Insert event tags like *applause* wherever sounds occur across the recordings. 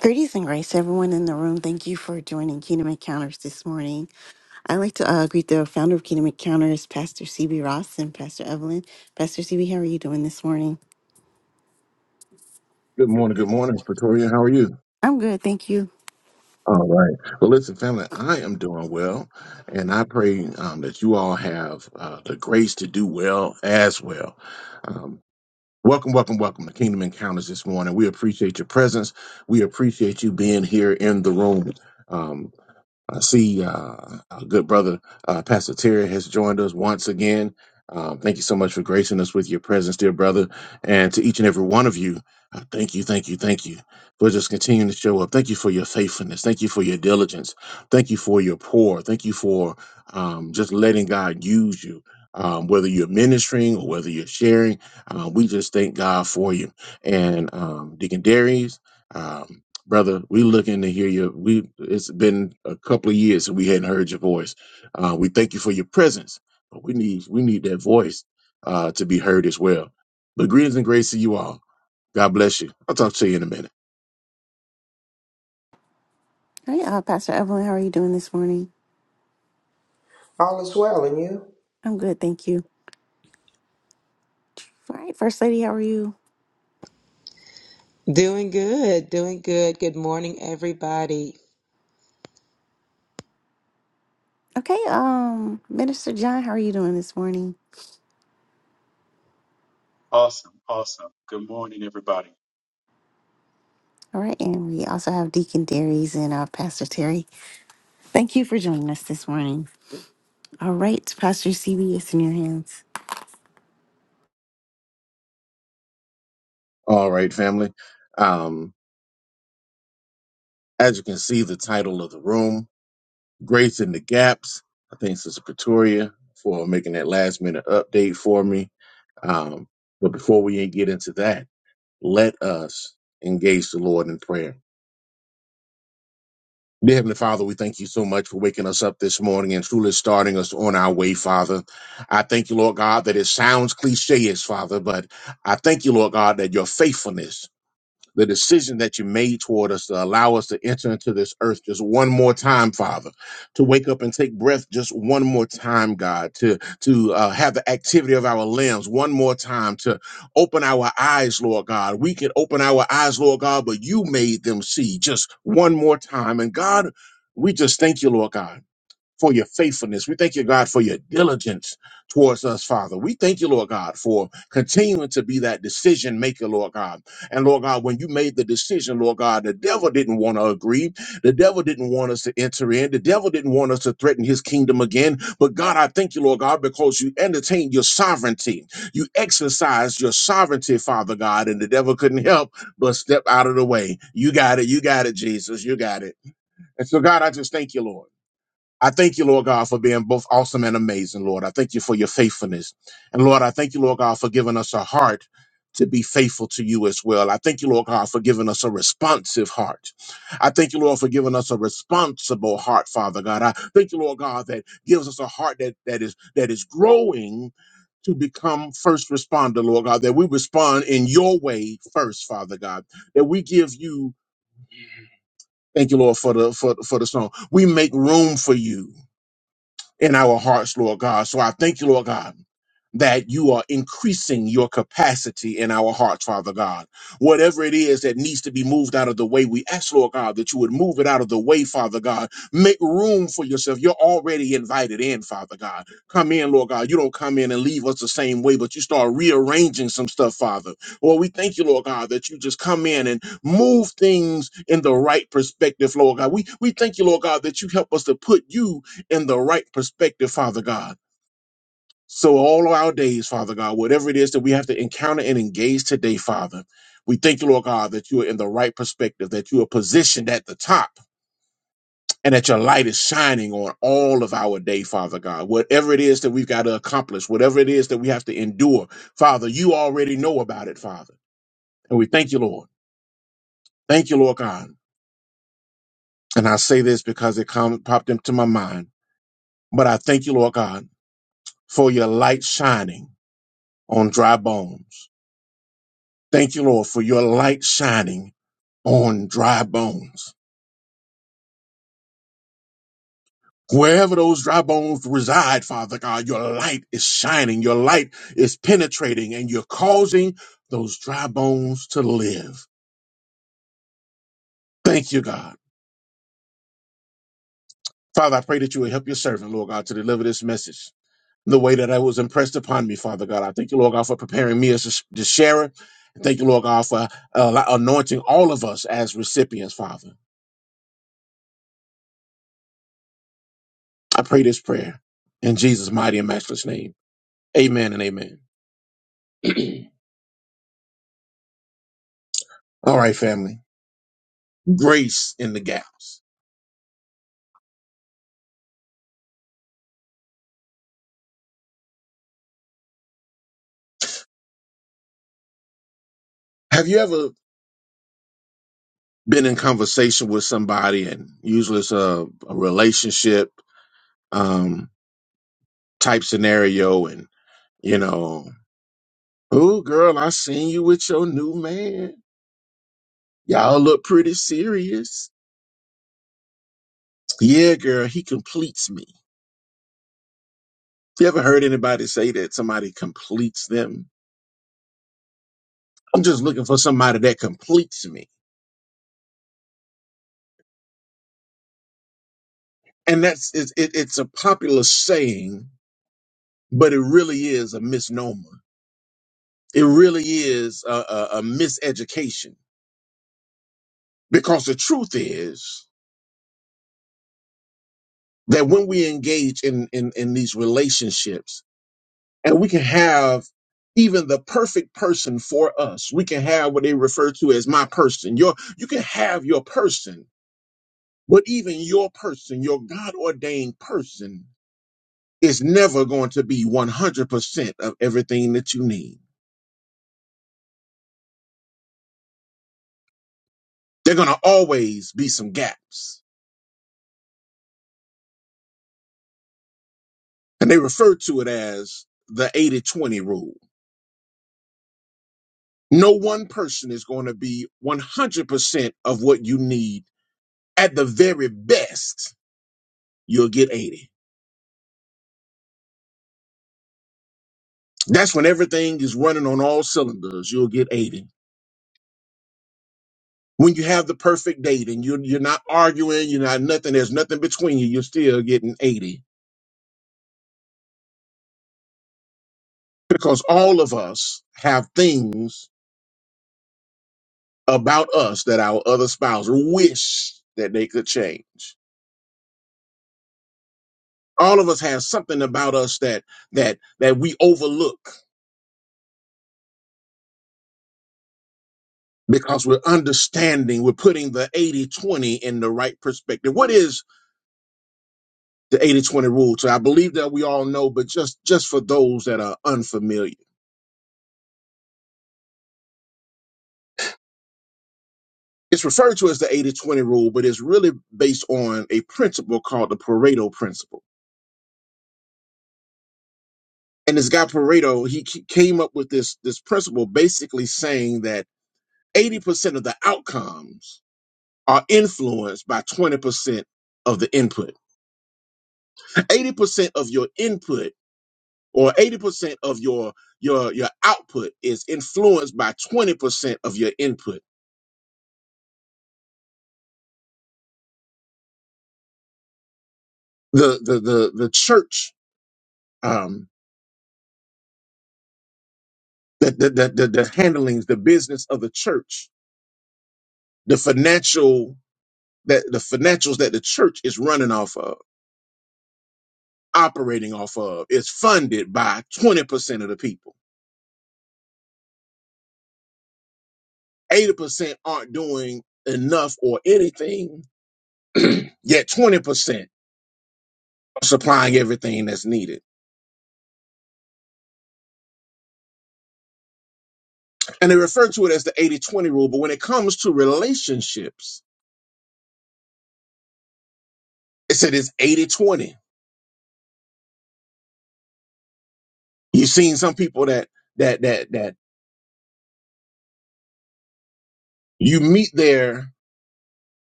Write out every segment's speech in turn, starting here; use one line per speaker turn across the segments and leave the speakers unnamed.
Greetings and grace, everyone in the room. Thank you for joining Kingdom Encounters this morning. I'd like to uh, greet the founder of Kingdom Encounters, Pastor CB Ross, and Pastor Evelyn. Pastor CB, how are you doing this morning? I'm good, thank you. All right, uh, Pastor Evelyn, how are you doing this morning?
All is well, and you?
I'm good, thank you. All right, First Lady, how are you?
Doing good, doing good. Good morning, everybody.
Okay, um, Minister John, how are you doing this morning?
Awesome, awesome. Good morning, everybody.
All right, and we also have Deacon Darius and uh, Pastor Terry. Thank you for joining us this morning. All right, Pastor CB, it's in your hands.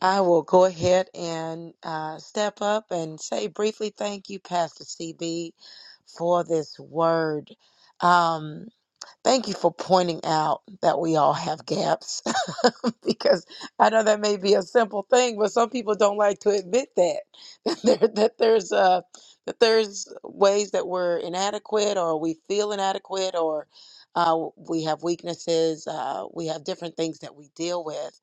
I will go ahead and uh, step up and say briefly thank you, Pastor CB, for this word. Um, Thank you for pointing out that we all have gaps *laughs* because I know that may be a simple thing, but some people don't like to admit that *laughs* that, there, that there's uh, that there's ways that we're inadequate or we feel inadequate or uh, we have weaknesses, uh, we have different things that we deal with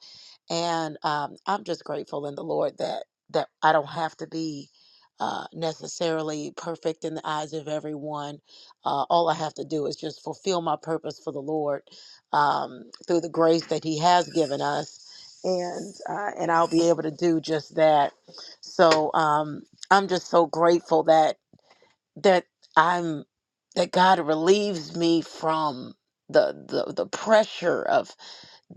and um, I'm just grateful in the Lord that that I don't have to be uh, necessarily perfect in the eyes of everyone. Uh, all I have to do is just fulfill my purpose for the Lord um, through the grace that He has given us, and uh, and I'll be able to do just that. So um, I'm just so grateful that that I'm that God relieves me from the the, the pressure of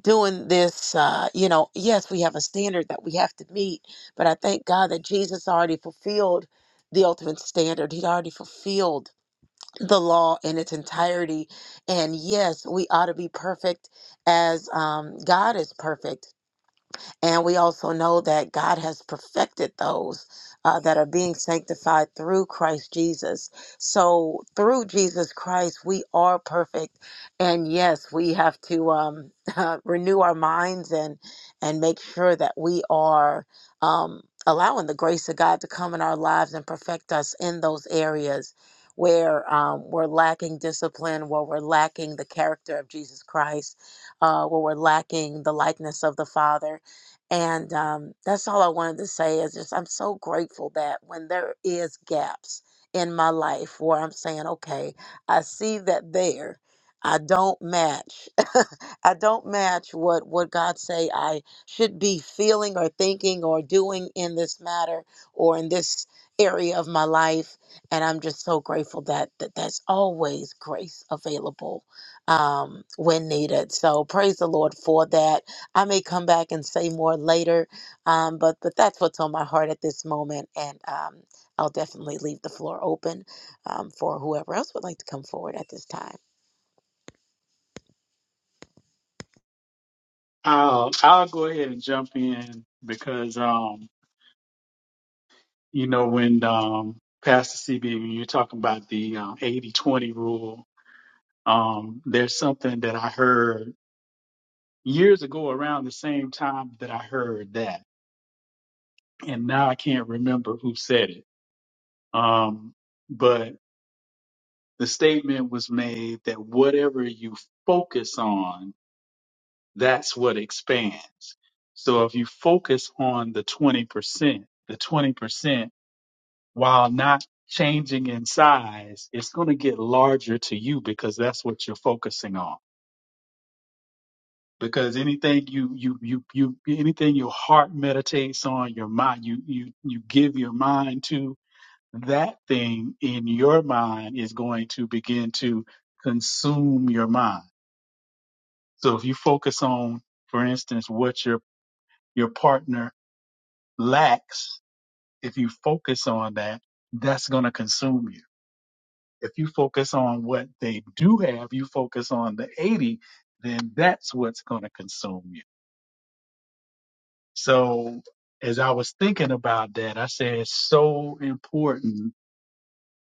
doing this uh you know yes we have a standard that we have to meet but i thank god that jesus already fulfilled the ultimate standard he'd already fulfilled the law in its entirety and yes we ought to be perfect as um god is perfect and we also know that God has perfected those uh, that are being sanctified through Christ Jesus. So through Jesus Christ, we are perfect. And yes, we have to um, *laughs* uh, renew our minds and and make sure that we are um, allowing the grace of God to come in our lives and perfect us in those areas where um, we're lacking discipline, where we're lacking the character of Jesus Christ, uh, where we're lacking the likeness of the Father and um, that's all I wanted to say is just I'm so grateful that when there is gaps in my life where I'm saying, okay, I see that there, I don't match, *laughs* I don't match what what God say I should be feeling or thinking or doing in this matter or in this area of my life. And I'm just so grateful that, that that's always grace available um, when needed. So praise the Lord for that I may come back and say more later, um, but but that's what's on my heart at this moment, and um, I'll definitely leave the floor open um, for whoever else would like to come forward at this time.
Um, I'll go ahead and jump in because, um, you know, when um, Pastor CB, when you're talking about the uh, 80-20 rule, um, there's something that I heard years ago around the same time that I heard that, and now I can't remember who said it. Um, but the statement was made that whatever you focus on that's what expands. So if you focus on the 20%, the 20%, while not changing in size, it's going to get larger to you because that's what you're focusing on. Because anything you, you, you, you, anything your heart meditates on, your mind, you, you, you give your mind to, that thing in your mind is going to begin to consume your mind. So if you focus on, for instance, what your, your partner lacks, if you focus on that, that's going to consume you. If you focus on what they do have, you focus on the 80, then that's what's going to consume you. So as I was thinking about that, I said it's so important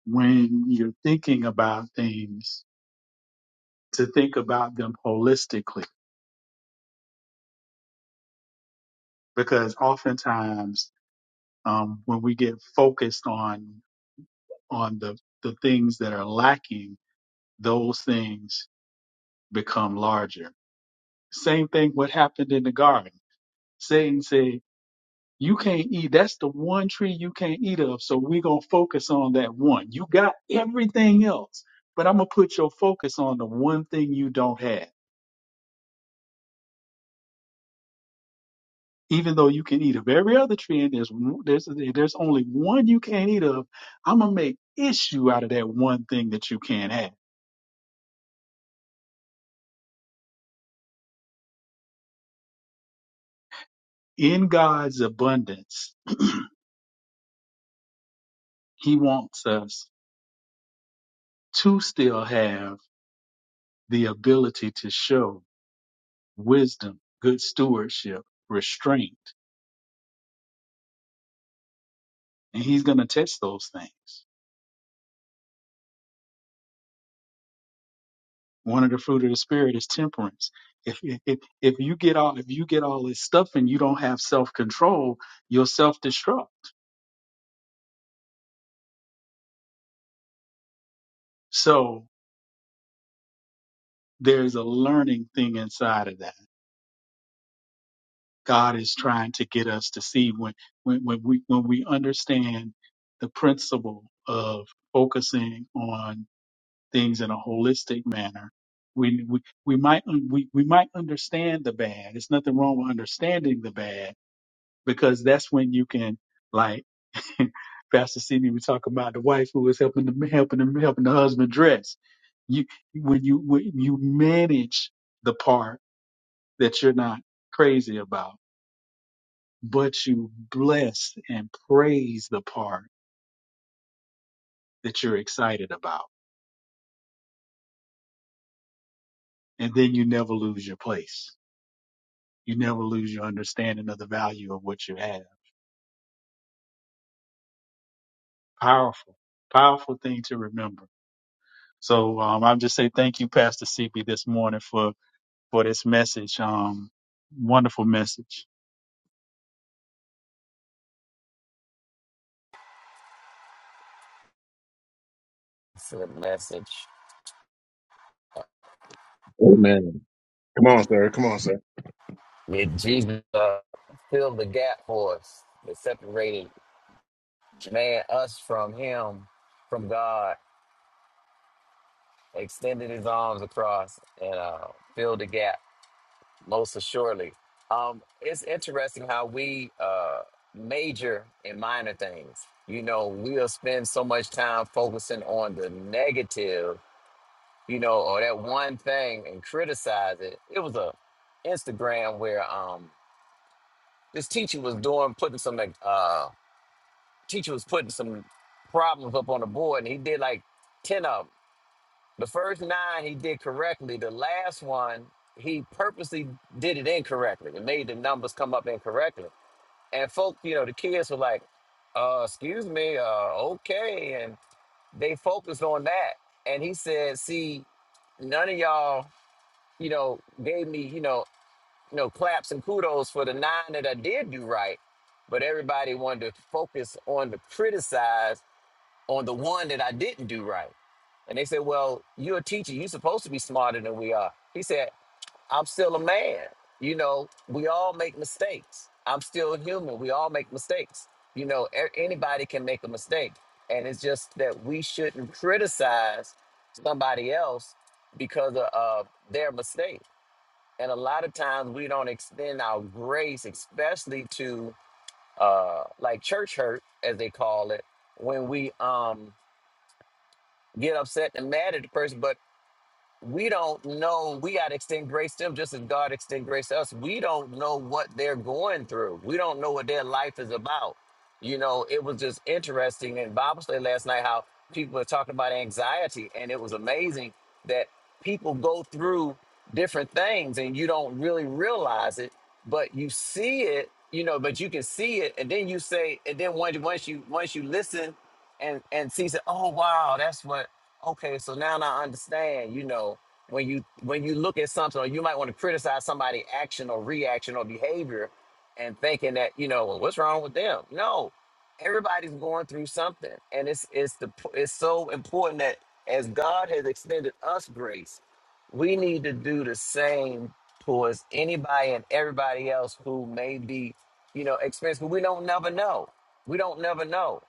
when you're thinking about things to think about them holistically, because oftentimes um, when we get focused on on the the things that are lacking, those things become larger. Same thing what happened in the garden. Satan said, You can't eat. That's the one tree you can't eat of. So we're going to focus on that one. You got everything else, but I'm going to put your focus on the one thing you don't have. Even though you can eat of every other tree and there's, there's, there's only one you can't eat of, I'm going to make issue out of that one thing that you can't have. In God's abundance, He wants us to still have the ability to show wisdom, good stewardship, restraint. And he's going to test those things. One of the fruit of the spirit is temperance. If, if if you get all if you get all this stuff and you don't have self control, you'll self destruct. So there's a learning thing inside of that. God is trying to get us to see when when when we when we understand the principle of focusing on things in a holistic manner. We, we, we might, un- we, we might understand the bad. It's nothing wrong with understanding the bad because that's when you can, like Pastor Sidney was talking about the wife who was helping the, helping the, helping the husband dress. You, when you, when you manage the part that you're not crazy about, but you bless and praise the part that you're excited about. And then you never lose your place. You never lose your understanding of the value of what you have Powerful, powerful thing to remember. So um, I'm just say thank you, Pastor CB, this morning for for this message. Um, wonderful message.
for the message. Did Jesus uh, fill the gap for us that separated man, us from him, from God, extended his arms across and uh, filled the gap most assuredly. Um, it's interesting how we uh, major in minor things. You know, we'll spend so much time focusing on the negative, you know, or that one thing and criticize it. It was a Instagram where um this teacher was doing putting some like uh teacher was putting some problems up on the board and he did like 10 of them the first nine he did correctly the last one he purposely did it incorrectly and made the numbers come up incorrectly and folk you know the kids were like uh excuse me uh okay and they focused on that and he said see none of y'all you know gave me you know you know, claps and kudos for the nine that I did do right. But everybody wanted to focus on the criticize on the one that I didn't do right. And they said, Well, you're a teacher. You're supposed to be smarter than we are. He said, I'm still a man. You know, we all make mistakes. I'm still human. We all make mistakes. You know, a- anybody can make a mistake. And it's just that we shouldn't criticize somebody else because of uh, their mistake and a lot of times we don't extend our grace, especially to uh like church hurt, as they call it, when we um get upset and mad at the person. But we don't know we got to extend grace to them just as god extend grace to us we don't know what they're going through we don't know what their life is about you know it was just interesting in bible study last night how people were talking about anxiety and it was amazing that people go through different things and you don't really realize it but you see it you know but you can see it and then you say and then once once you once you listen and and see said, oh wow, that's what. Okay, so now I understand. You know, when you when you look at something, or you might want to criticize somebody' action or reaction or behavior, and thinking that you know, well, what's wrong with them? No, everybody's going through something, and it's it's the it's so important that as God has extended us grace, we need to do the same towards anybody and everybody else who may be, you know, experiencing. We don't never know. We don't never know.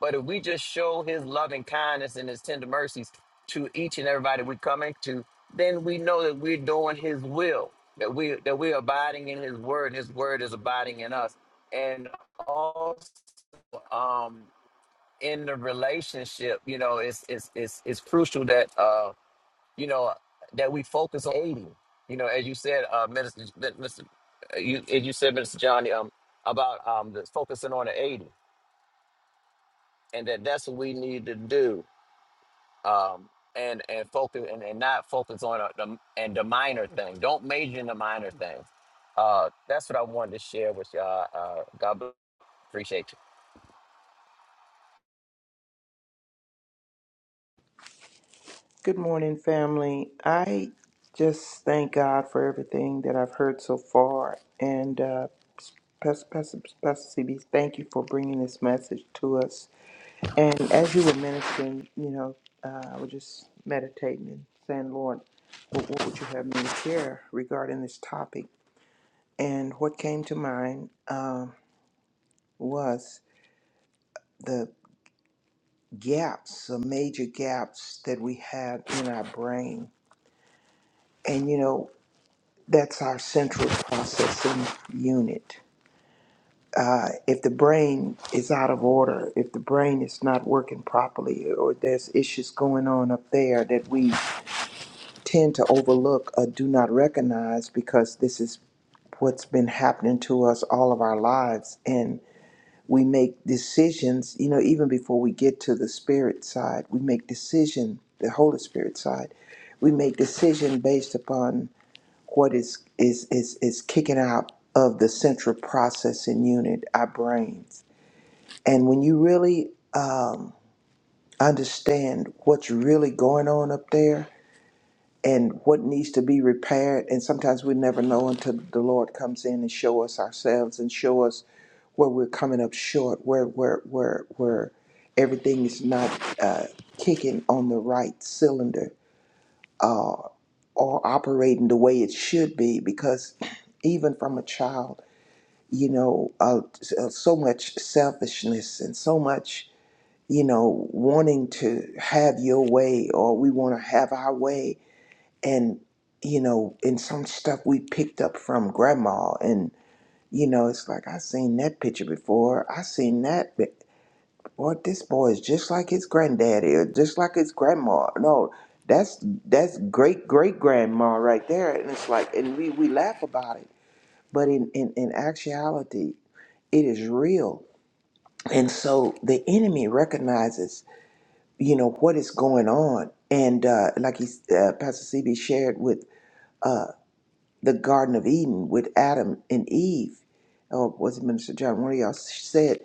But if we just show his loving kindness and his tender mercies to each and everybody we come into, then we know that we're doing his will, that we that we're abiding in his word, and his word is abiding in us. And also um in the relationship, you know, it's it's it's it's crucial that uh, you know, that we focus on aiding. You know, as you said, uh Minister Mr. You as you said, Mr. Johnny, um, about um the focusing on the aiding and that that's what we need to do um, and and focus and, and not focus on a, the and the minor thing. Don't major in the minor things. Uh, that's what I wanted to share with y'all. Uh, God bless. Appreciate
Good morning, family. I just thank God for everything that I've heard so far. And uh, Pastor, Pastor, Pastor CB, thank you for bringing this message to us. And as you were ministering, you know, uh, I was just meditating and saying, Lord, what, what would you have me to share regarding this topic? And what came to mind um, was the gaps, the major gaps that we have in our brain. And, you know, That's our central processing unit. Uh, if the brain is out of order, if the brain is not working properly, or there's issues going on up there that we tend to overlook or do not recognize because this is what's been happening to us all of our lives. And we make decisions, you know, even before we get to the spirit side, we make decision, the Holy Spirit side, we make decision based upon what is is is is kicking out of the central processing unit, our brains. And when you really um, understand what's really going on up there and what needs to be repaired, and sometimes we never know until the Lord comes in and show us ourselves and show us where we're coming up short, where where where where everything is not uh, kicking on the right cylinder uh, or operating the way it should be, because *clears throat* even from a child. you know, uh, so much selfishness and so much, you know, wanting to have your way or we want to have our way. And, you know, and some stuff we picked up from grandma. And, you know, it's like, I seen that picture before. I seen that. bi- Boy, this boy is just like his granddaddy or just like his grandma. No, that's that's great great grandma right there. And it's like, and we, we laugh about it. But in, in, in actuality, it is real and so the enemy recognizes, you know, what is going on. And uh, like he, uh, Pastor CB shared with uh, the Garden of Eden with Adam and Eve, or was it Minister John? One of y'all said,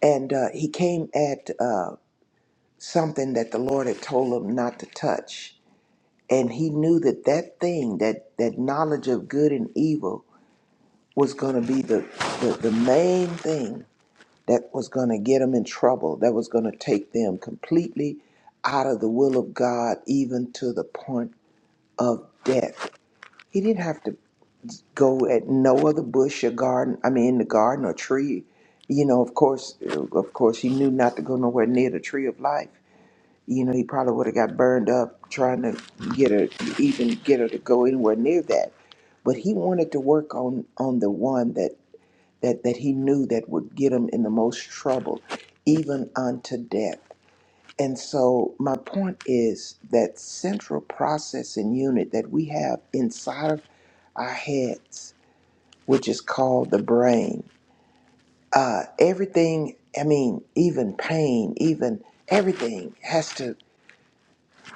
and uh, he came at uh, something that the Lord had told him not to touch. And he knew that that thing, that, that knowledge of good and evil, was going to be the, the, the main thing that was going to get them in trouble, that was going to take them completely out of the will of God, even to the point of death. He didn't have to go at no other bush or garden, I mean, the garden or tree. You know, of course, of course, he knew not to go nowhere near the tree of life. You know, he probably would have got burned up trying to get her, even get her to go anywhere near that. But he wanted to work on on the one that that, that he knew that would get him in the most trouble, even unto death. And so, my point is that central processing unit that we have inside of our heads, which is called the brain, uh, everything, I mean, even pain, even everything has to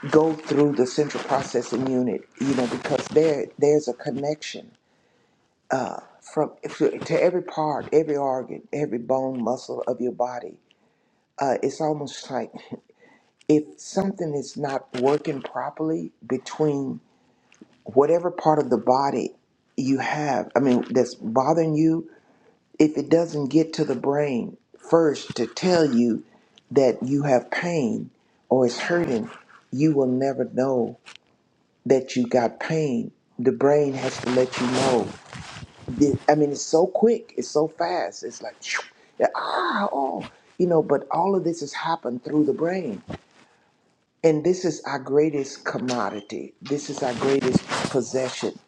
go through the central processing unit, you know, because there there's a connection from to to every part, every organ, every bone, muscle of your body uh, it's almost like if something is not working properly between whatever part of the body you have, I mean, that's bothering you, if it doesn't get to the brain first to tell you that you have pain or it's hurting, you will never know that you got pain. The brain has to let you know. The- I mean, it's so quick, it's so fast. It's like, *sniffs* *tsk* ah, oh, you know, but all of this has happened through the brain and this is our greatest commodity. This is our greatest possession.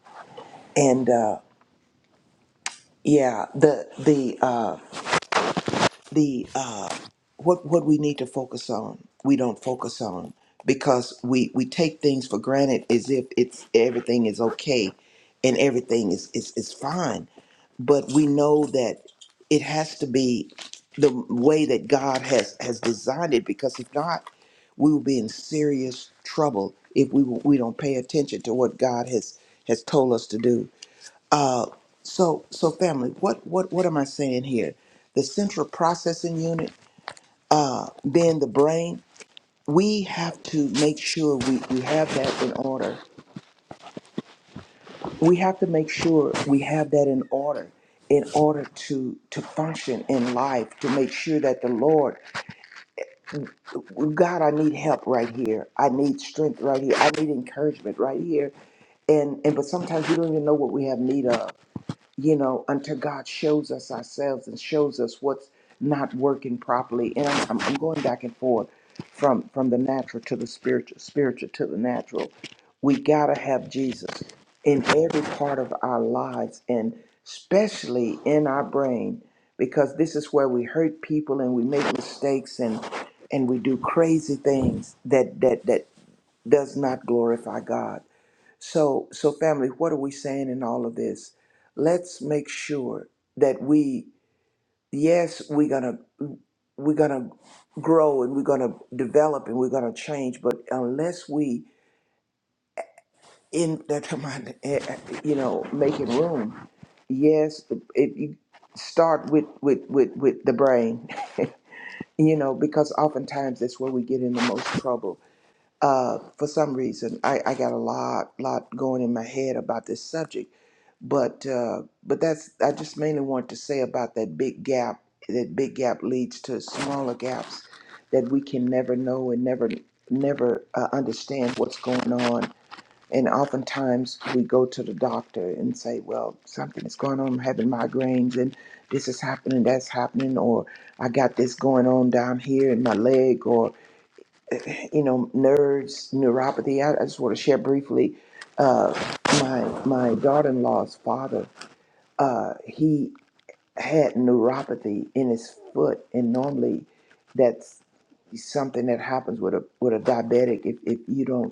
And uh, yeah, the the uh, the uh, what what we need to focus on we don't focus on because we we take things for granted as if it's everything is okay and everything is is, is fine but we know that it has to be the way that god has has designed it because if not we will be in serious trouble if we we don't pay attention to what god has has told us to do uh, so, so family, what, what, what am I saying here? The central processing unit, being the brain, we have to make sure we, we have that in order. We have to make sure we have that in order in order to to function in life to make sure that the lord god i need help right here i need strength right here i need encouragement right here and and but sometimes we don't even know what we have need of you know, until God shows us ourselves and shows us what's not working properly. And I'm, I'm I'm going back and forth from from the natural to the spiritual, spiritual to the natural. We gotta have Jesus in every part of our lives, and especially in our brain, because this is where we hurt people and we make mistakes and and we do crazy things that that that does not glorify God. So, so family, what are we saying in all of this? Let's make sure that we, yes, we're gonna we're gonna grow and we're gonna develop and we're gonna change, but unless we in *laughs* that come on, eh, eh, you know making room, yes, if you start with with with with the brain, *laughs* you know, because oftentimes that's where we get in the most trouble uh, for some reason I, I got a lot lot going in my head about this subject but uh, but that's I just mainly want to say about that big gap that big gap leads to smaller gaps that we can never know and never never uh, understand what's going on and oftentimes we go to the doctor and say well something is going on I'm having migraines and this is happening that's happening or I got this going on down here in my leg or you know, nerds, neuropathy. I, I just want to share briefly. Uh, my my daughter-in-law's father, uh, he had neuropathy in his foot, and normally that's something that happens with a with a diabetic if, if you don't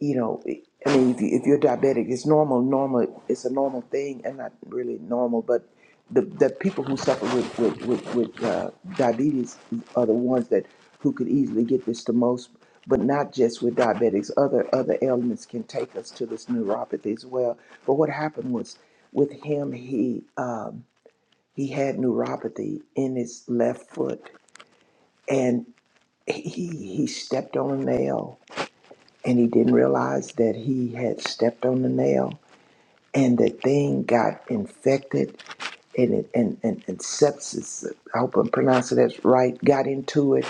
you know, I mean, if, you, if you're diabetic, it's normal, normal, it's a normal thing, and not really normal, but the, the people who suffer with, with, with, with uh, diabetes are the ones that who could easily get this the most, but not just with diabetics. Other other ailments can take us to this neuropathy as well. But what happened was with him, he um, he had neuropathy in his left foot, and he he stepped on a nail and he didn't realize that he had stepped on the nail and the thing got infected and it, and, and, and sepsis i hope i'm pronouncing that right got into it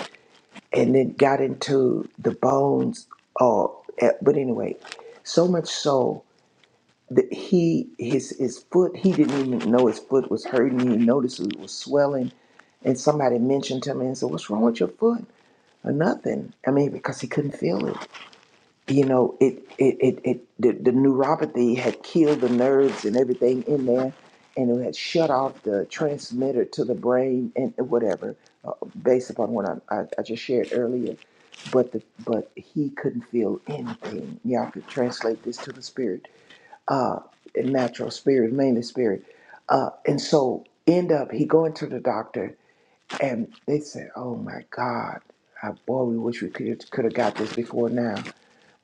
and it got into the bones Oh, but anyway so much so that he his his foot he didn't even know his foot was hurting he noticed it was swelling and somebody mentioned to me and said what's wrong with your foot or nothing i mean because he couldn't feel it you know, it it it, it the, the neuropathy had killed the nerves and everything in there, and it had shut off the transmitter to the brain and whatever, uh, based upon what I, I I just shared earlier. But the but he couldn't feel anything. Y'all could translate this to the spirit, uh, natural spirit, mainly spirit, uh, and so end up he going to the doctor, and they said, "Oh my God, I, boy, we wish we could could have got this before now."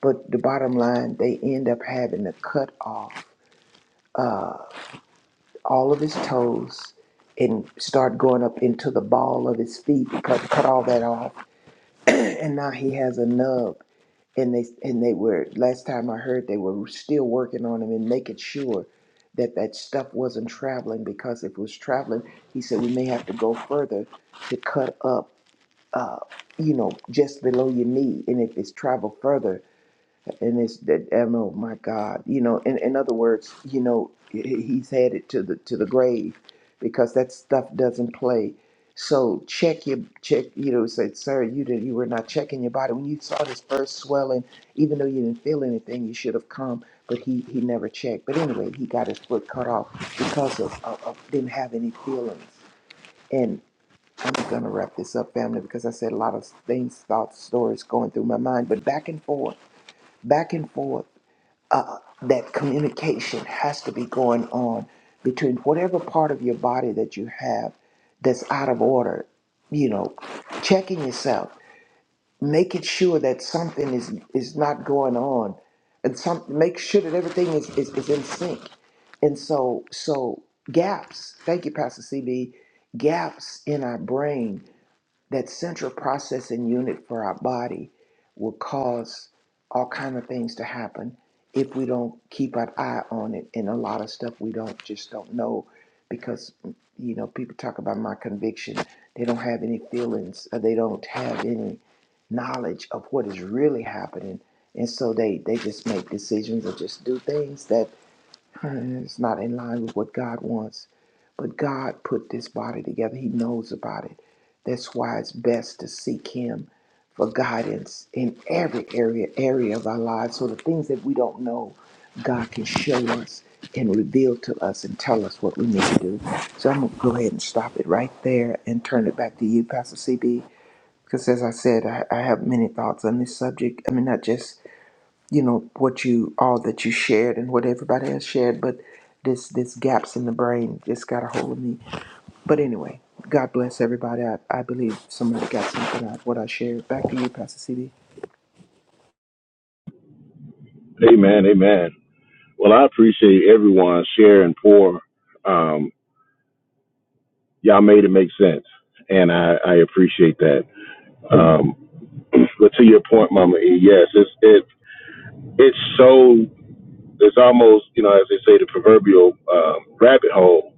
But the bottom line, they end up having to cut off uh, all of his toes and start going up into the ball of his feet, because cut all that off. *clears throat* and now he has a nub. And they and they were last time I heard they were still working on him and making sure that that stuff wasn't traveling because if it was traveling, he said we may have to go further to cut up, uh, you know, just below your knee. And if it's traveled further, and it's that I know, my God, you know. In in other words, you know, he- he's headed to the to the grave because that stuff doesn't play. So check your check. You know, said, sir, you did you were not checking your body when you saw this first swelling. Even though you didn't feel anything, you should have come. But he he never checked. But anyway, he got his foot cut off because of, of, of didn't have any feelings. And I'm gonna wrap this up, family, because I said a lot of things, thoughts, stories going through my mind. But back and forth, back and forth uh, that communication has to be going on between whatever part of your body that you have that's out of order you know checking yourself making sure that something is is not going on and some make sure that everything is is, is in sync and so so gaps thank you pastor cb gaps in our brain that central processing unit for our body will cause all kind of things to happen if we don't keep an eye on it and a lot of stuff we don't just don't know because you know people talk about my conviction they don't have any feelings or they don't have any knowledge of what is really happening and so they they just make decisions or just do things that. It's not in line with what God wants. But God put this body together. He knows about it. That's why it's best to seek Him for guidance in every area area of our lives. So the things that we don't know, God can show us and reveal to us and tell us what we need to do. So I'm gonna go ahead and stop it right there and turn it back to you, Pastor CB. Because as I said, I, I have many thoughts on this subject. I mean, not just you know what you all that you shared and what everybody else shared but this this gaps in the brain just got a hold of me but anyway god bless everybody i, I believe somebody got something out of what i shared back to you pastor cd
Amen, amen. Well, I appreciate everyone sharing pour. Um, y'all made it make sense, and I, I appreciate that. Um, *clears throat* but to your point, Mama E, yes, it's it it's so it's almost you know as they say the proverbial um, rabbit hole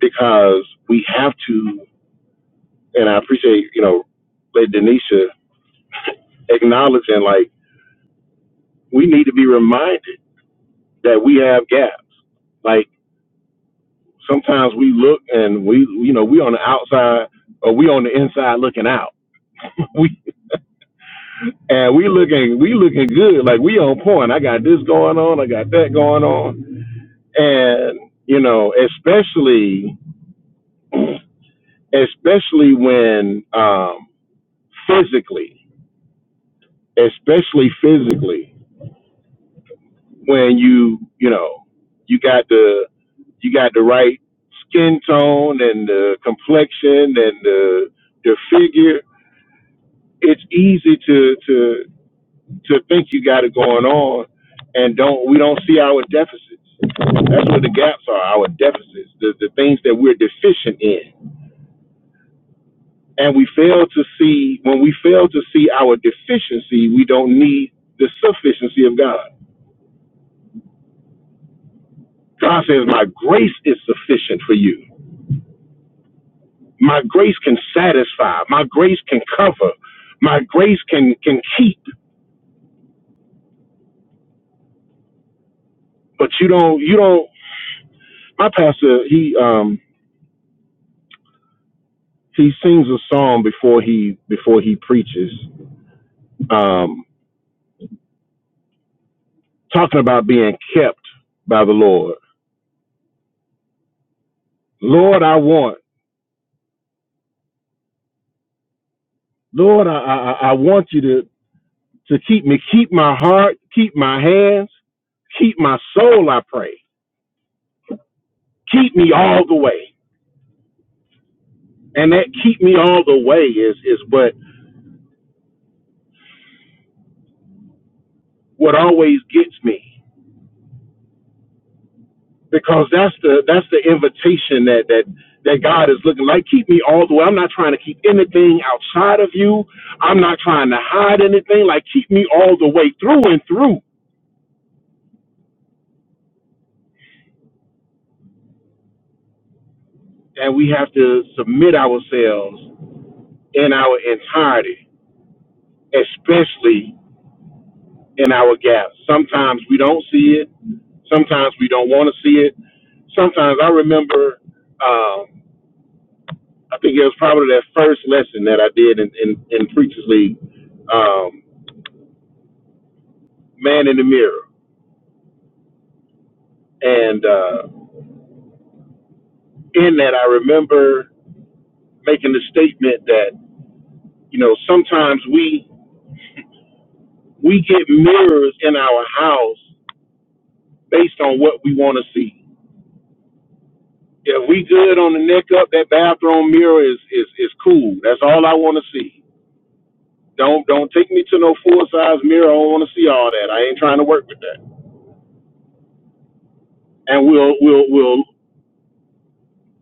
because we have to, and I appreciate you know Lady Denisha acknowledging like we need to be reminded that we have gaps. like. sometimes we look and we you know we on the outside or we on the inside looking out *laughs* we and we looking we looking good like we on point i got this going on i got that going on and you know especially especially when um physically especially physically when you you know you got the you got the right skin tone and the complexion and the the figure it's easy to to to think you got it going on and don't we don't see our deficits. That's where the gaps are, our deficits, the, the things that we're deficient in. And we fail to see when we fail to see our deficiency, we don't need the sufficiency of God. God says, My grace is sufficient for you. My grace can satisfy. My grace can cover. My grace can can keep. But you don't you don't my pastor, he um he sings a song before he before he preaches um, talking about being kept by the Lord. Lord, I want, Lord, I, I, I I want you to, to keep me, keep my heart, keep my hands, keep my soul, I pray. Keep me all the way. And that keep me all the way is, is what, what always gets me because that's the, that's the invitation that, that, that God is looking like. Keep me all the way. I'm not trying to keep anything outside of you. I'm not trying to hide anything. Like keep me all the way through and through and we have to submit ourselves in our entirety, especially in our gaps. Sometimes we don't see it. Sometimes we don't want to see it. Sometimes I remember, um, I think it was probably that first lesson that I did in, in, in Preachers League, um, Man in the Mirror. And uh, in that, I remember making the statement that, you know, sometimes we, we get mirrors in our house based on what we want to see Yeah, we good on the neck up. That bathroom mirror is is is cool. That's all I want to see. Don't don't take me to no full size mirror. I don't want to see all that. I ain't trying to work with that. And we'll we'll we'll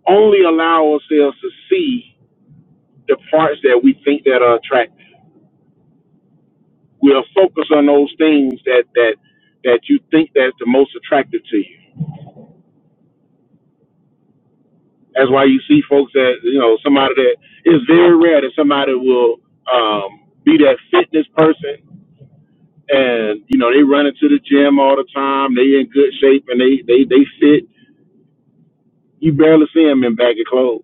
only allow ourselves to see the parts that we think that are attractive. We'll focus on those things that that that you think that's the most attractive to you. That's why you see folks that you know somebody that it's very rare that somebody will um, be that fitness person and you know they run into the gym all the time. They in good shape and they they they fit. You barely see them in baggy clothes.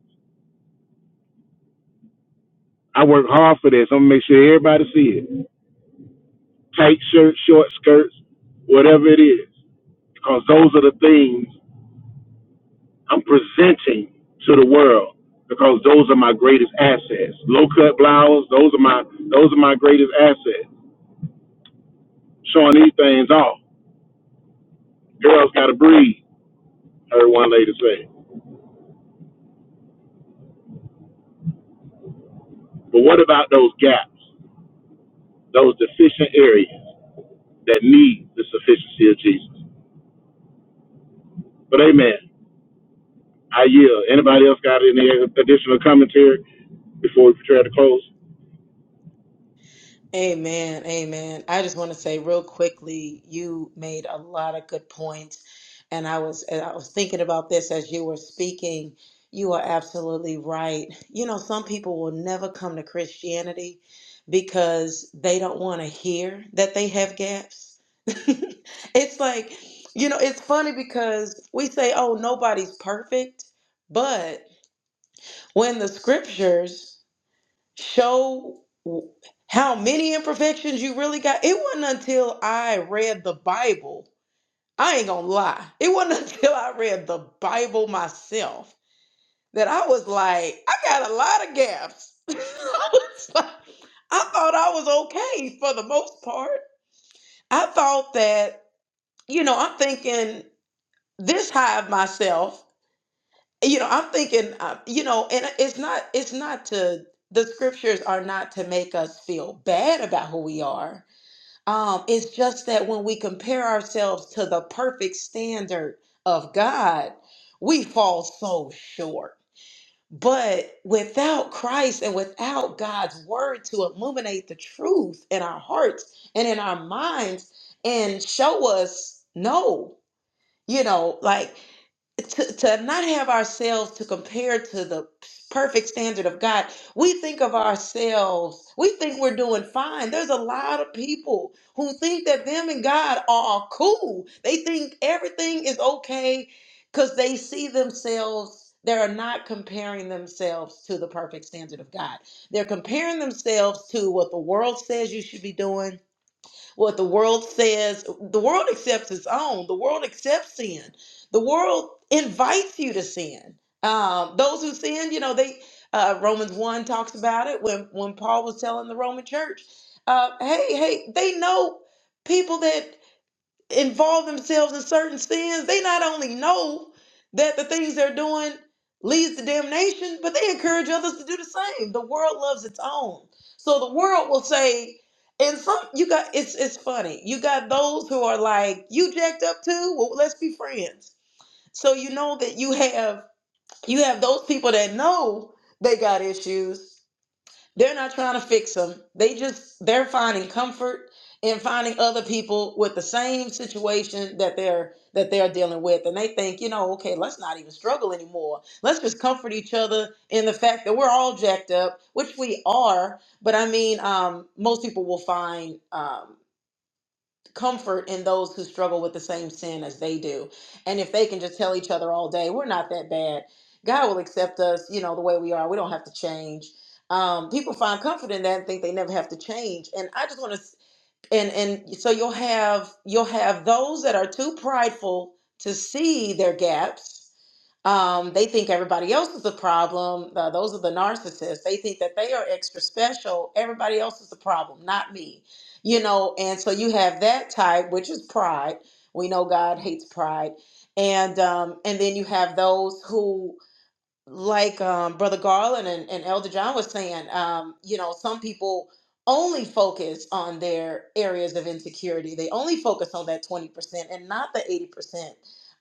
I work hard for this. I'm gonna make sure everybody see it. Tight shirts, short skirts, whatever it is, because those are the things I'm presenting to the world. Because those are my greatest assets. Low cut blouses, those are my those are my greatest assets. Showing these things off. Girls gotta breathe, I heard one lady say. But what about those gaps, those deficient areas? that need the sufficiency of Jesus. But amen. I yield. Anybody else got any additional commentary before we prepare to close?
Amen. Amen. I just want to say real quickly, you made a lot of good points. And I was and I was thinking about this as you were speaking. You are absolutely right. You know, some people will never come to Christianity because they don't want to hear that they have gaps. *laughs* it's like, you know, it's funny because we say, oh, nobody's perfect. But when the scriptures show w- how many imperfections you really got. It wasn't until I read the Bible, I ain't gonna lie, it wasn't *laughs* until I read the Bible myself that I was like, I got a lot of gaps. *laughs* I was like, I thought I was okay for the most part. I thought that, you know, I'm thinking this high of myself you know i'm thinking uh, you know and it's not it's not to the scriptures are not to make us feel bad about who we are um it's just that when we compare ourselves to the perfect standard of god we fall so short but without christ and without god's word to illuminate the truth in our hearts and in our minds and show us no you know like to, to not have ourselves to compare to the perfect standard of God, we think of ourselves, we think we're doing fine. There's a lot of people who think that them and God are cool. They think everything is okay because they see themselves. They are not comparing themselves to the perfect standard of God. They're comparing themselves to what the world says you should be doing, what the world says, the world accepts its own. The world accepts sin. The world invites you to sin. Um, those who sin, you know, they uh, Romans one talks about it when when Paul was telling the Roman church, uh, hey, hey, they know people that involve themselves in certain sins, they not only know that the things they're doing leads to damnation, but they encourage others to do the same. The world loves its own. So the world will say, and some you got it's it's funny. You got those who are like, you jacked up too? Well, let's be friends. So you know that you have you have those people that know they got issues they're not trying to fix them. They just they're finding comfort in finding other people with the same situation that they're that they're dealing with and they think, you know, okay, let's not even struggle anymore. Let's just comfort each other in the fact that we're all jacked up, which we are, but I mean, um most people will find um comfort in those who struggle with the same sin as they do. And if they can just tell each other all day, we're not that bad, God will accept us, you know, the way we are. We don't have to change. Um, people find comfort in that and think they never have to change. And I just want to and and so you'll have you'll have those that are too prideful to see their gaps um, they think everybody else is the problem Uh, those are the narcissists they think that they are extra special everybody else is the problem not me you know and so you have that type which is pride we know god hates pride and um, and then you have those who like um, Brother Garland and, and Elder John was saying, um, you know, some people only focus on their areas of insecurity. They only focus on that 20% and not the 80%.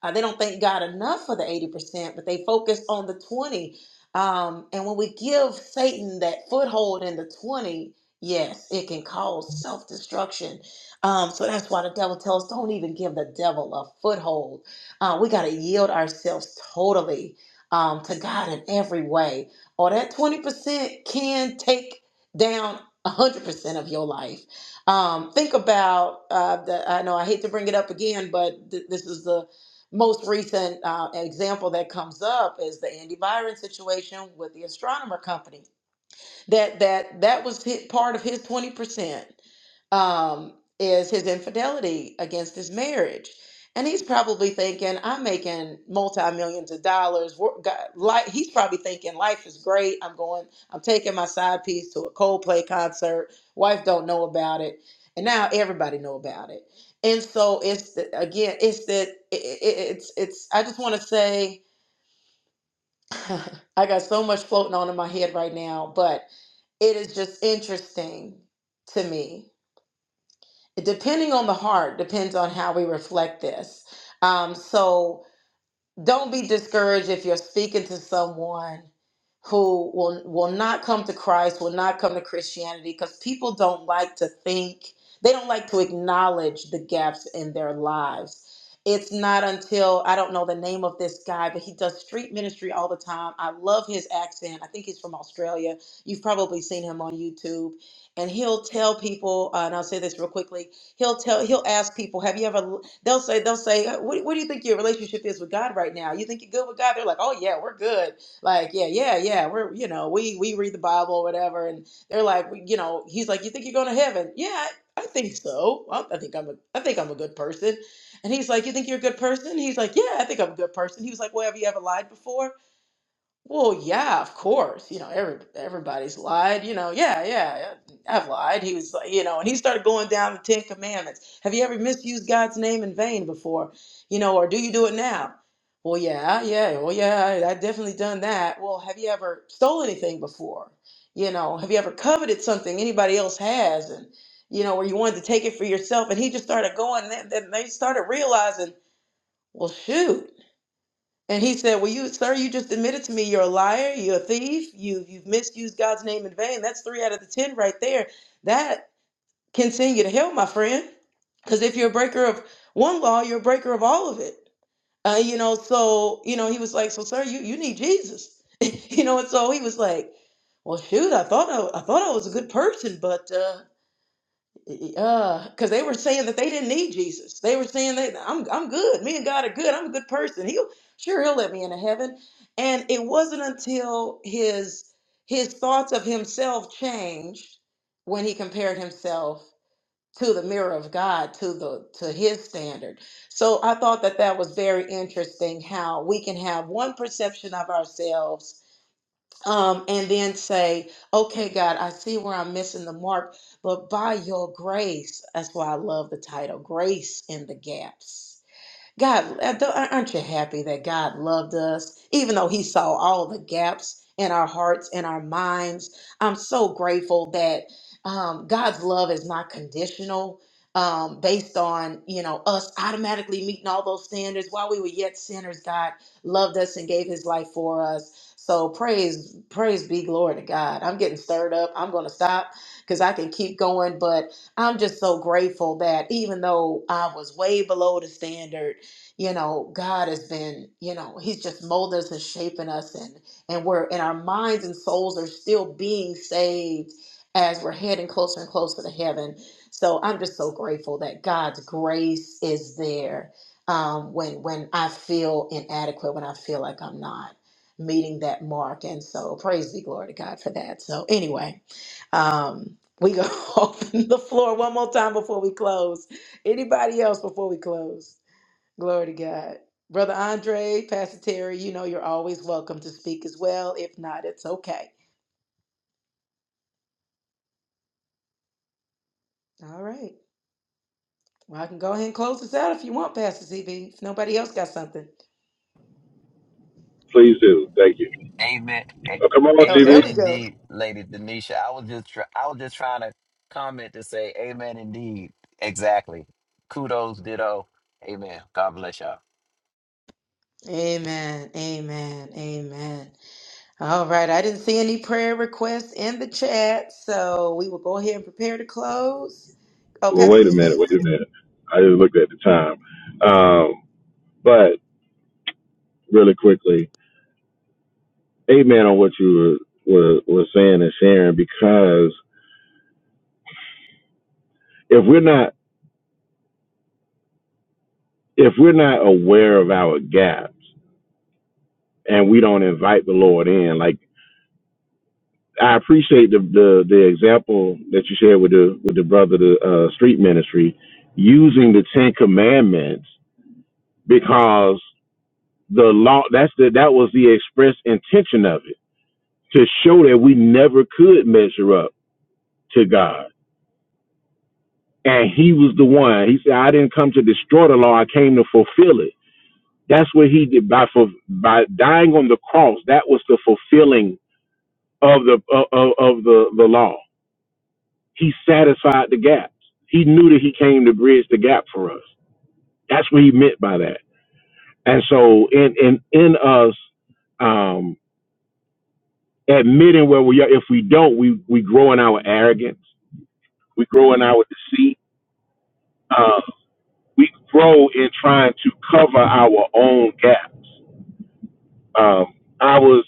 Uh, they don't thank God enough for the 80%, but they focus on the 20. Um, and when we give Satan that foothold in the 20, yes, it can cause self destruction. Um, so that's why the devil tells us don't even give the devil a foothold. Uh, we got to yield ourselves totally um, to God in every way, or that 20% can take down 100% of your life. Um, think about uh, the, I know I hate to bring it up again, but th- this is the most recent uh, example that comes up is the Andy Byron situation with the astronomer company. That that that was hit part of his 20% um, is his infidelity against his marriage. And he's probably thinking, I'm making multi millions of dollars. Wor- God, Like he's probably thinking, life is great. I'm going, I'm taking my side piece to a Coldplay concert. Wife don't know about it, and now everybody know about it. And so it's the, again, it's that it, it, it's it's. I just want to say, *laughs* I got so much floating on in my head right now, but it is just interesting to me depending on the heart depends on how we reflect this um, so don't be discouraged if you're speaking to someone who will will not come to christ will not come to christianity because people don't like to think they don't like to acknowledge the gaps in their lives it's not until i don't know the name of this guy but he does street ministry all the time i love his accent i think he's from australia you've probably seen him on youtube and he'll tell people uh, and i'll say this real quickly He'll tell, he'll ask people, have you ever, they'll say, they'll say, "Uh, what, what do you think your relationship is with God right now? You think you're good with God? They're like, oh yeah, we're good. Like, yeah, yeah, yeah. We're, you know, we, we read the Bible or whatever. And they're like, we- you know, he's like, you think you're going to heaven? Yeah, I I think so. I I think I'm a, I think I'm a good person. And he's like, you think you're a good person? He's like, yeah, I think I'm a good person. He was like, well, have you ever lied before? Well, yeah, of course. You know, every everybody's lied. You know, yeah, yeah, yeah, I've lied. He was, like, you know, and he started going down the Ten Commandments. Have you ever misused God's name in vain before? You know, or do you do it now? Well, yeah, yeah, well, yeah, I, I definitely done that. Well, have you ever stole anything before? You know, have you ever coveted something anybody else has, and you know, where you wanted to take it for yourself? And he just started going, and then then they started realizing, well, shoot. And he said, Well, you, sir, you just admitted to me you're a liar, you're a thief, you, you've misused God's name in vain. That's three out of the 10 right there. That can send you to hell, my friend. Because if you're a breaker of one law, you're a breaker of all of it. Uh, you know, so, you know, he was like, So, sir, you, you need Jesus. *laughs* you know, and so he was like, Well, shoot, I thought I, I thought I was a good person, but. uh, uh, because they were saying that they didn't need Jesus. They were saying that I'm I'm good. Me and God are good. I'm a good person. He'll sure he'll let me into heaven. And it wasn't until his his thoughts of himself changed when he compared himself to the mirror of God to the to his standard. So I thought that that was very interesting how we can have one perception of ourselves um, and then say, okay, God, I see where I'm missing the mark, but by your grace, that's why I love the title, Grace in the Gaps God, aren't you happy that God loved us, even though He saw all the gaps in our hearts and our minds? I'm so grateful that um, God's love is not conditional. Um, based on you know us automatically meeting all those standards while we were yet sinners god loved us and gave his life for us so praise praise be glory to god i'm getting stirred up i'm gonna stop because i can keep going but i'm just so grateful that even though i was way below the standard you know god has been you know he's just molding us and shaping us and and we're and our minds and souls are still being saved as we're heading closer and closer to heaven so i'm just so grateful that god's grace is there um, when when i feel inadequate when i feel like i'm not meeting that mark and so praise be glory to god for that so anyway um we go *laughs* open the floor one more time before we close anybody else before we close Glory to God. Brother Andre, Pastor Terry, you know you're always welcome to speak as well. If not, it's okay. All right. Well, I can go ahead and close this out if you want, Pastor CB, if nobody else got something.
Please do. Thank you.
you. Amen. A-
Oh, come on,
Oh,
TV.
there
Amen.
we go.
Indeed, Lady Denisha. I was just tr- I was just trying to comment to say Amen. Indeed. Exactly. Kudos. Ditto. Amen. God bless y'all.
Amen. Amen. Amen. All right. I didn't see any prayer requests in the chat, so we will go ahead and prepare to close. Oh,
Well, wait
Pastor
a minute.
CB.
Wait a minute. I just looked at the time. Um, but really quickly, amen on what you were, were were saying and sharing because if we're not if we're not aware of our gaps and we don't invite the Lord in, like I appreciate the, the the example that you shared with the with the brother the uh, street ministry using the Ten Commandments because the law that's the that was the express intention of it to show that we never could measure up to God and He was the one He said I didn't come to destroy the law I came to fulfill it that's what He did by for by dying on the cross that was the fulfilling of the of, of of the the law He satisfied the gaps. He knew that he came to bridge the gap for us. That's what he meant by that. And so in in in us um, admitting where we are, if we don't, we we grow in our arrogance. We grow in our deceit. Uh, we grow in trying to cover our own gaps. Um, I was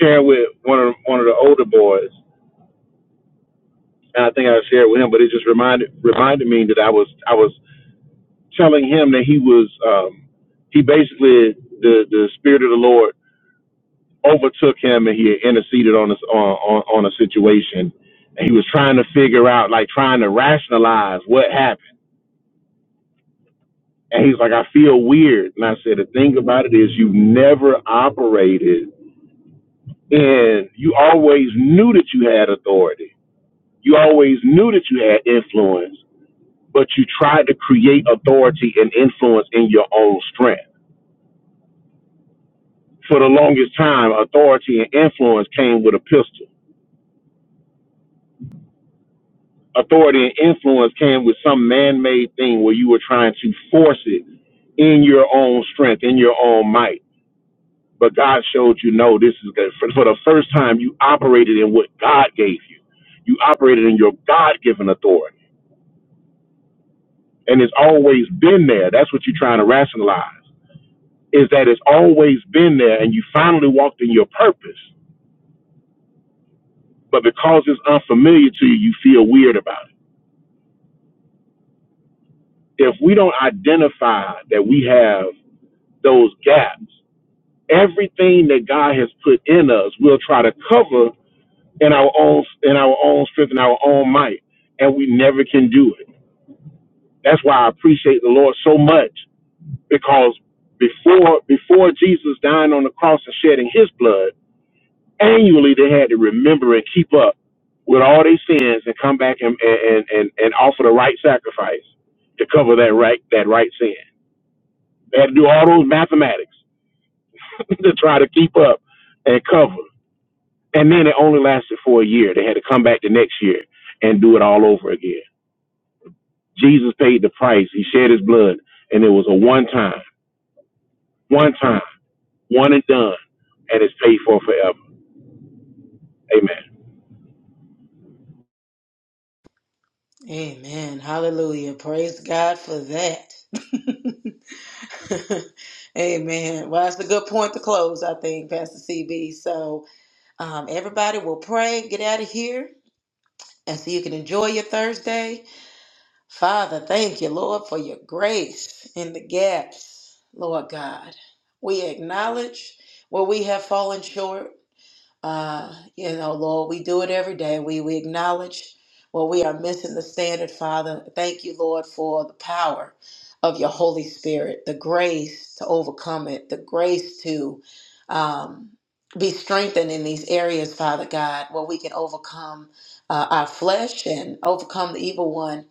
sharing with one of one of the older boys, and I think I shared with him, but it just reminded reminded me that I was I was telling him that he was um, he basically the the spirit of the Lord overtook him and he had interceded on this on, on on a situation and he was trying to figure out like trying to rationalize what happened and he's like I feel weird and I said the thing about it is you never operated and you always knew that you had authority you always knew that you had influence but you tried to create authority and influence in your own strength For the longest time, authority and influence came with a pistol. Authority and influence came with some man made thing where you were trying to force it in your own strength, in your own might. But God showed you, no, this is good. For, for the first time, you operated in what God gave you. You operated in your God given authority. And it's always been there. That's what you're trying to rationalize, is that it's always been there and you finally walked in your purpose. But because it's unfamiliar to you, you feel weird about it if we don't identify that we have those gaps, everything that God has put in us, we'll try to cover in our own in our own strength and our own might, and we never can do it. That's why I appreciate the Lord so much because before before Jesus dying on the cross and shedding His blood, annually they had to remember and keep up with all their sins and come back and and and, and offer the right sacrifice to cover that right that right sin. They had to do all those mathematics *laughs* to try to keep up and cover. And then it only lasted for a year. They had to come back the next year and do it all over again. Jesus paid the price. He shed his blood, and it was a one time, one time, one and done, and it's paid for forever. Amen.
Amen. Hallelujah. Praise God for that. *laughs* *laughs* Amen. Well, that's a good point to close, I think, Pastor CB. So, um, everybody will pray, get out of here, and so you can enjoy your Thursday. Father, thank you, Lord, for your grace in the gaps, Lord God. We acknowledge where we have fallen short. Uh, you know, Lord, we do it every day. We we acknowledge when we are missing the standard, Father. Thank you, Lord, for the power of your Holy Spirit, the grace to overcome it, the grace to um, be strengthened in these areas, Father God, where we can overcome uh, our flesh and overcome the evil one.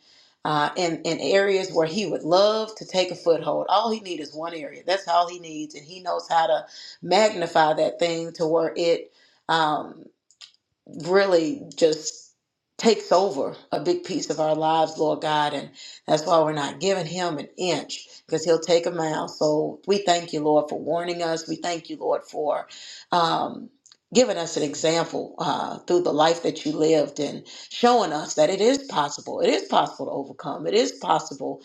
Uh, in, in areas where he would love to take a foothold. All he needs is one area. That's all he needs. And he knows how to magnify that thing to where it um, really just takes over a big piece of our lives, Lord God. And that's why we're not giving him an inch because he'll take a mile. So we thank you, Lord, for warning us. We thank you, Lord, for. Um, Giving us an example uh, through the life that you lived and showing us that it is possible. It is possible to overcome. It is possible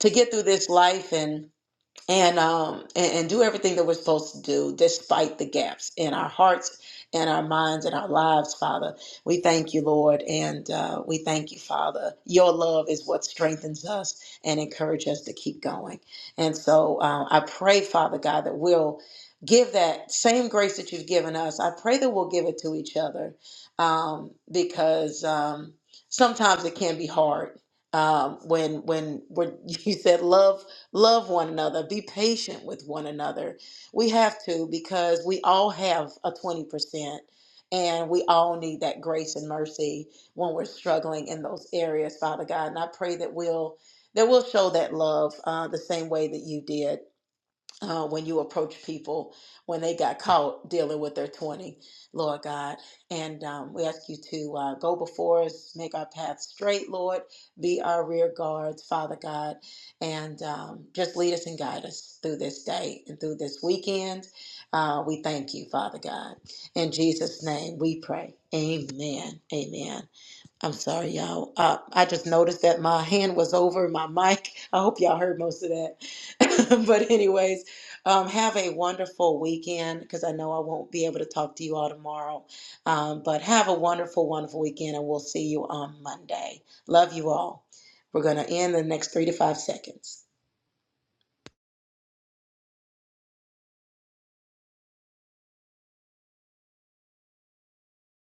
to get through this life and and um and, and do everything that we're supposed to do despite the gaps in our hearts and our minds and our lives father we thank you lord and uh, we thank you father your love is what strengthens us and encourages us to keep going and so uh, i pray father god that we'll give that same grace that you've given us i pray that we'll give it to each other um, because um, sometimes it can be hard um, when when when *laughs* you said love Love one another. Be patient with one another. We have to because we all have a 20%, and we all need that grace and mercy when we're struggling in those areas, Father God. And I pray that we'll. That we will show that love uh, the same way that you did uh, when you approach people when they got caught dealing with their 20, Lord God. And um, we ask you to uh, go before us, make our path straight, Lord, be our rear guards, Father God, and um, just lead us and guide us through this day and through this weekend. Uh, we thank you, Father God. In Jesus' name we pray. Amen. Amen. I'm sorry, y'all. Uh, I just noticed that my hand was over my mic. *laughs* I hope y'all heard most of that. *laughs* but, anyways, um, have a wonderful weekend because I know I won't be able to talk to you all tomorrow. Um, but have a wonderful, wonderful weekend, and we'll see you on Monday. Love you all. We're going to end the next three to five seconds.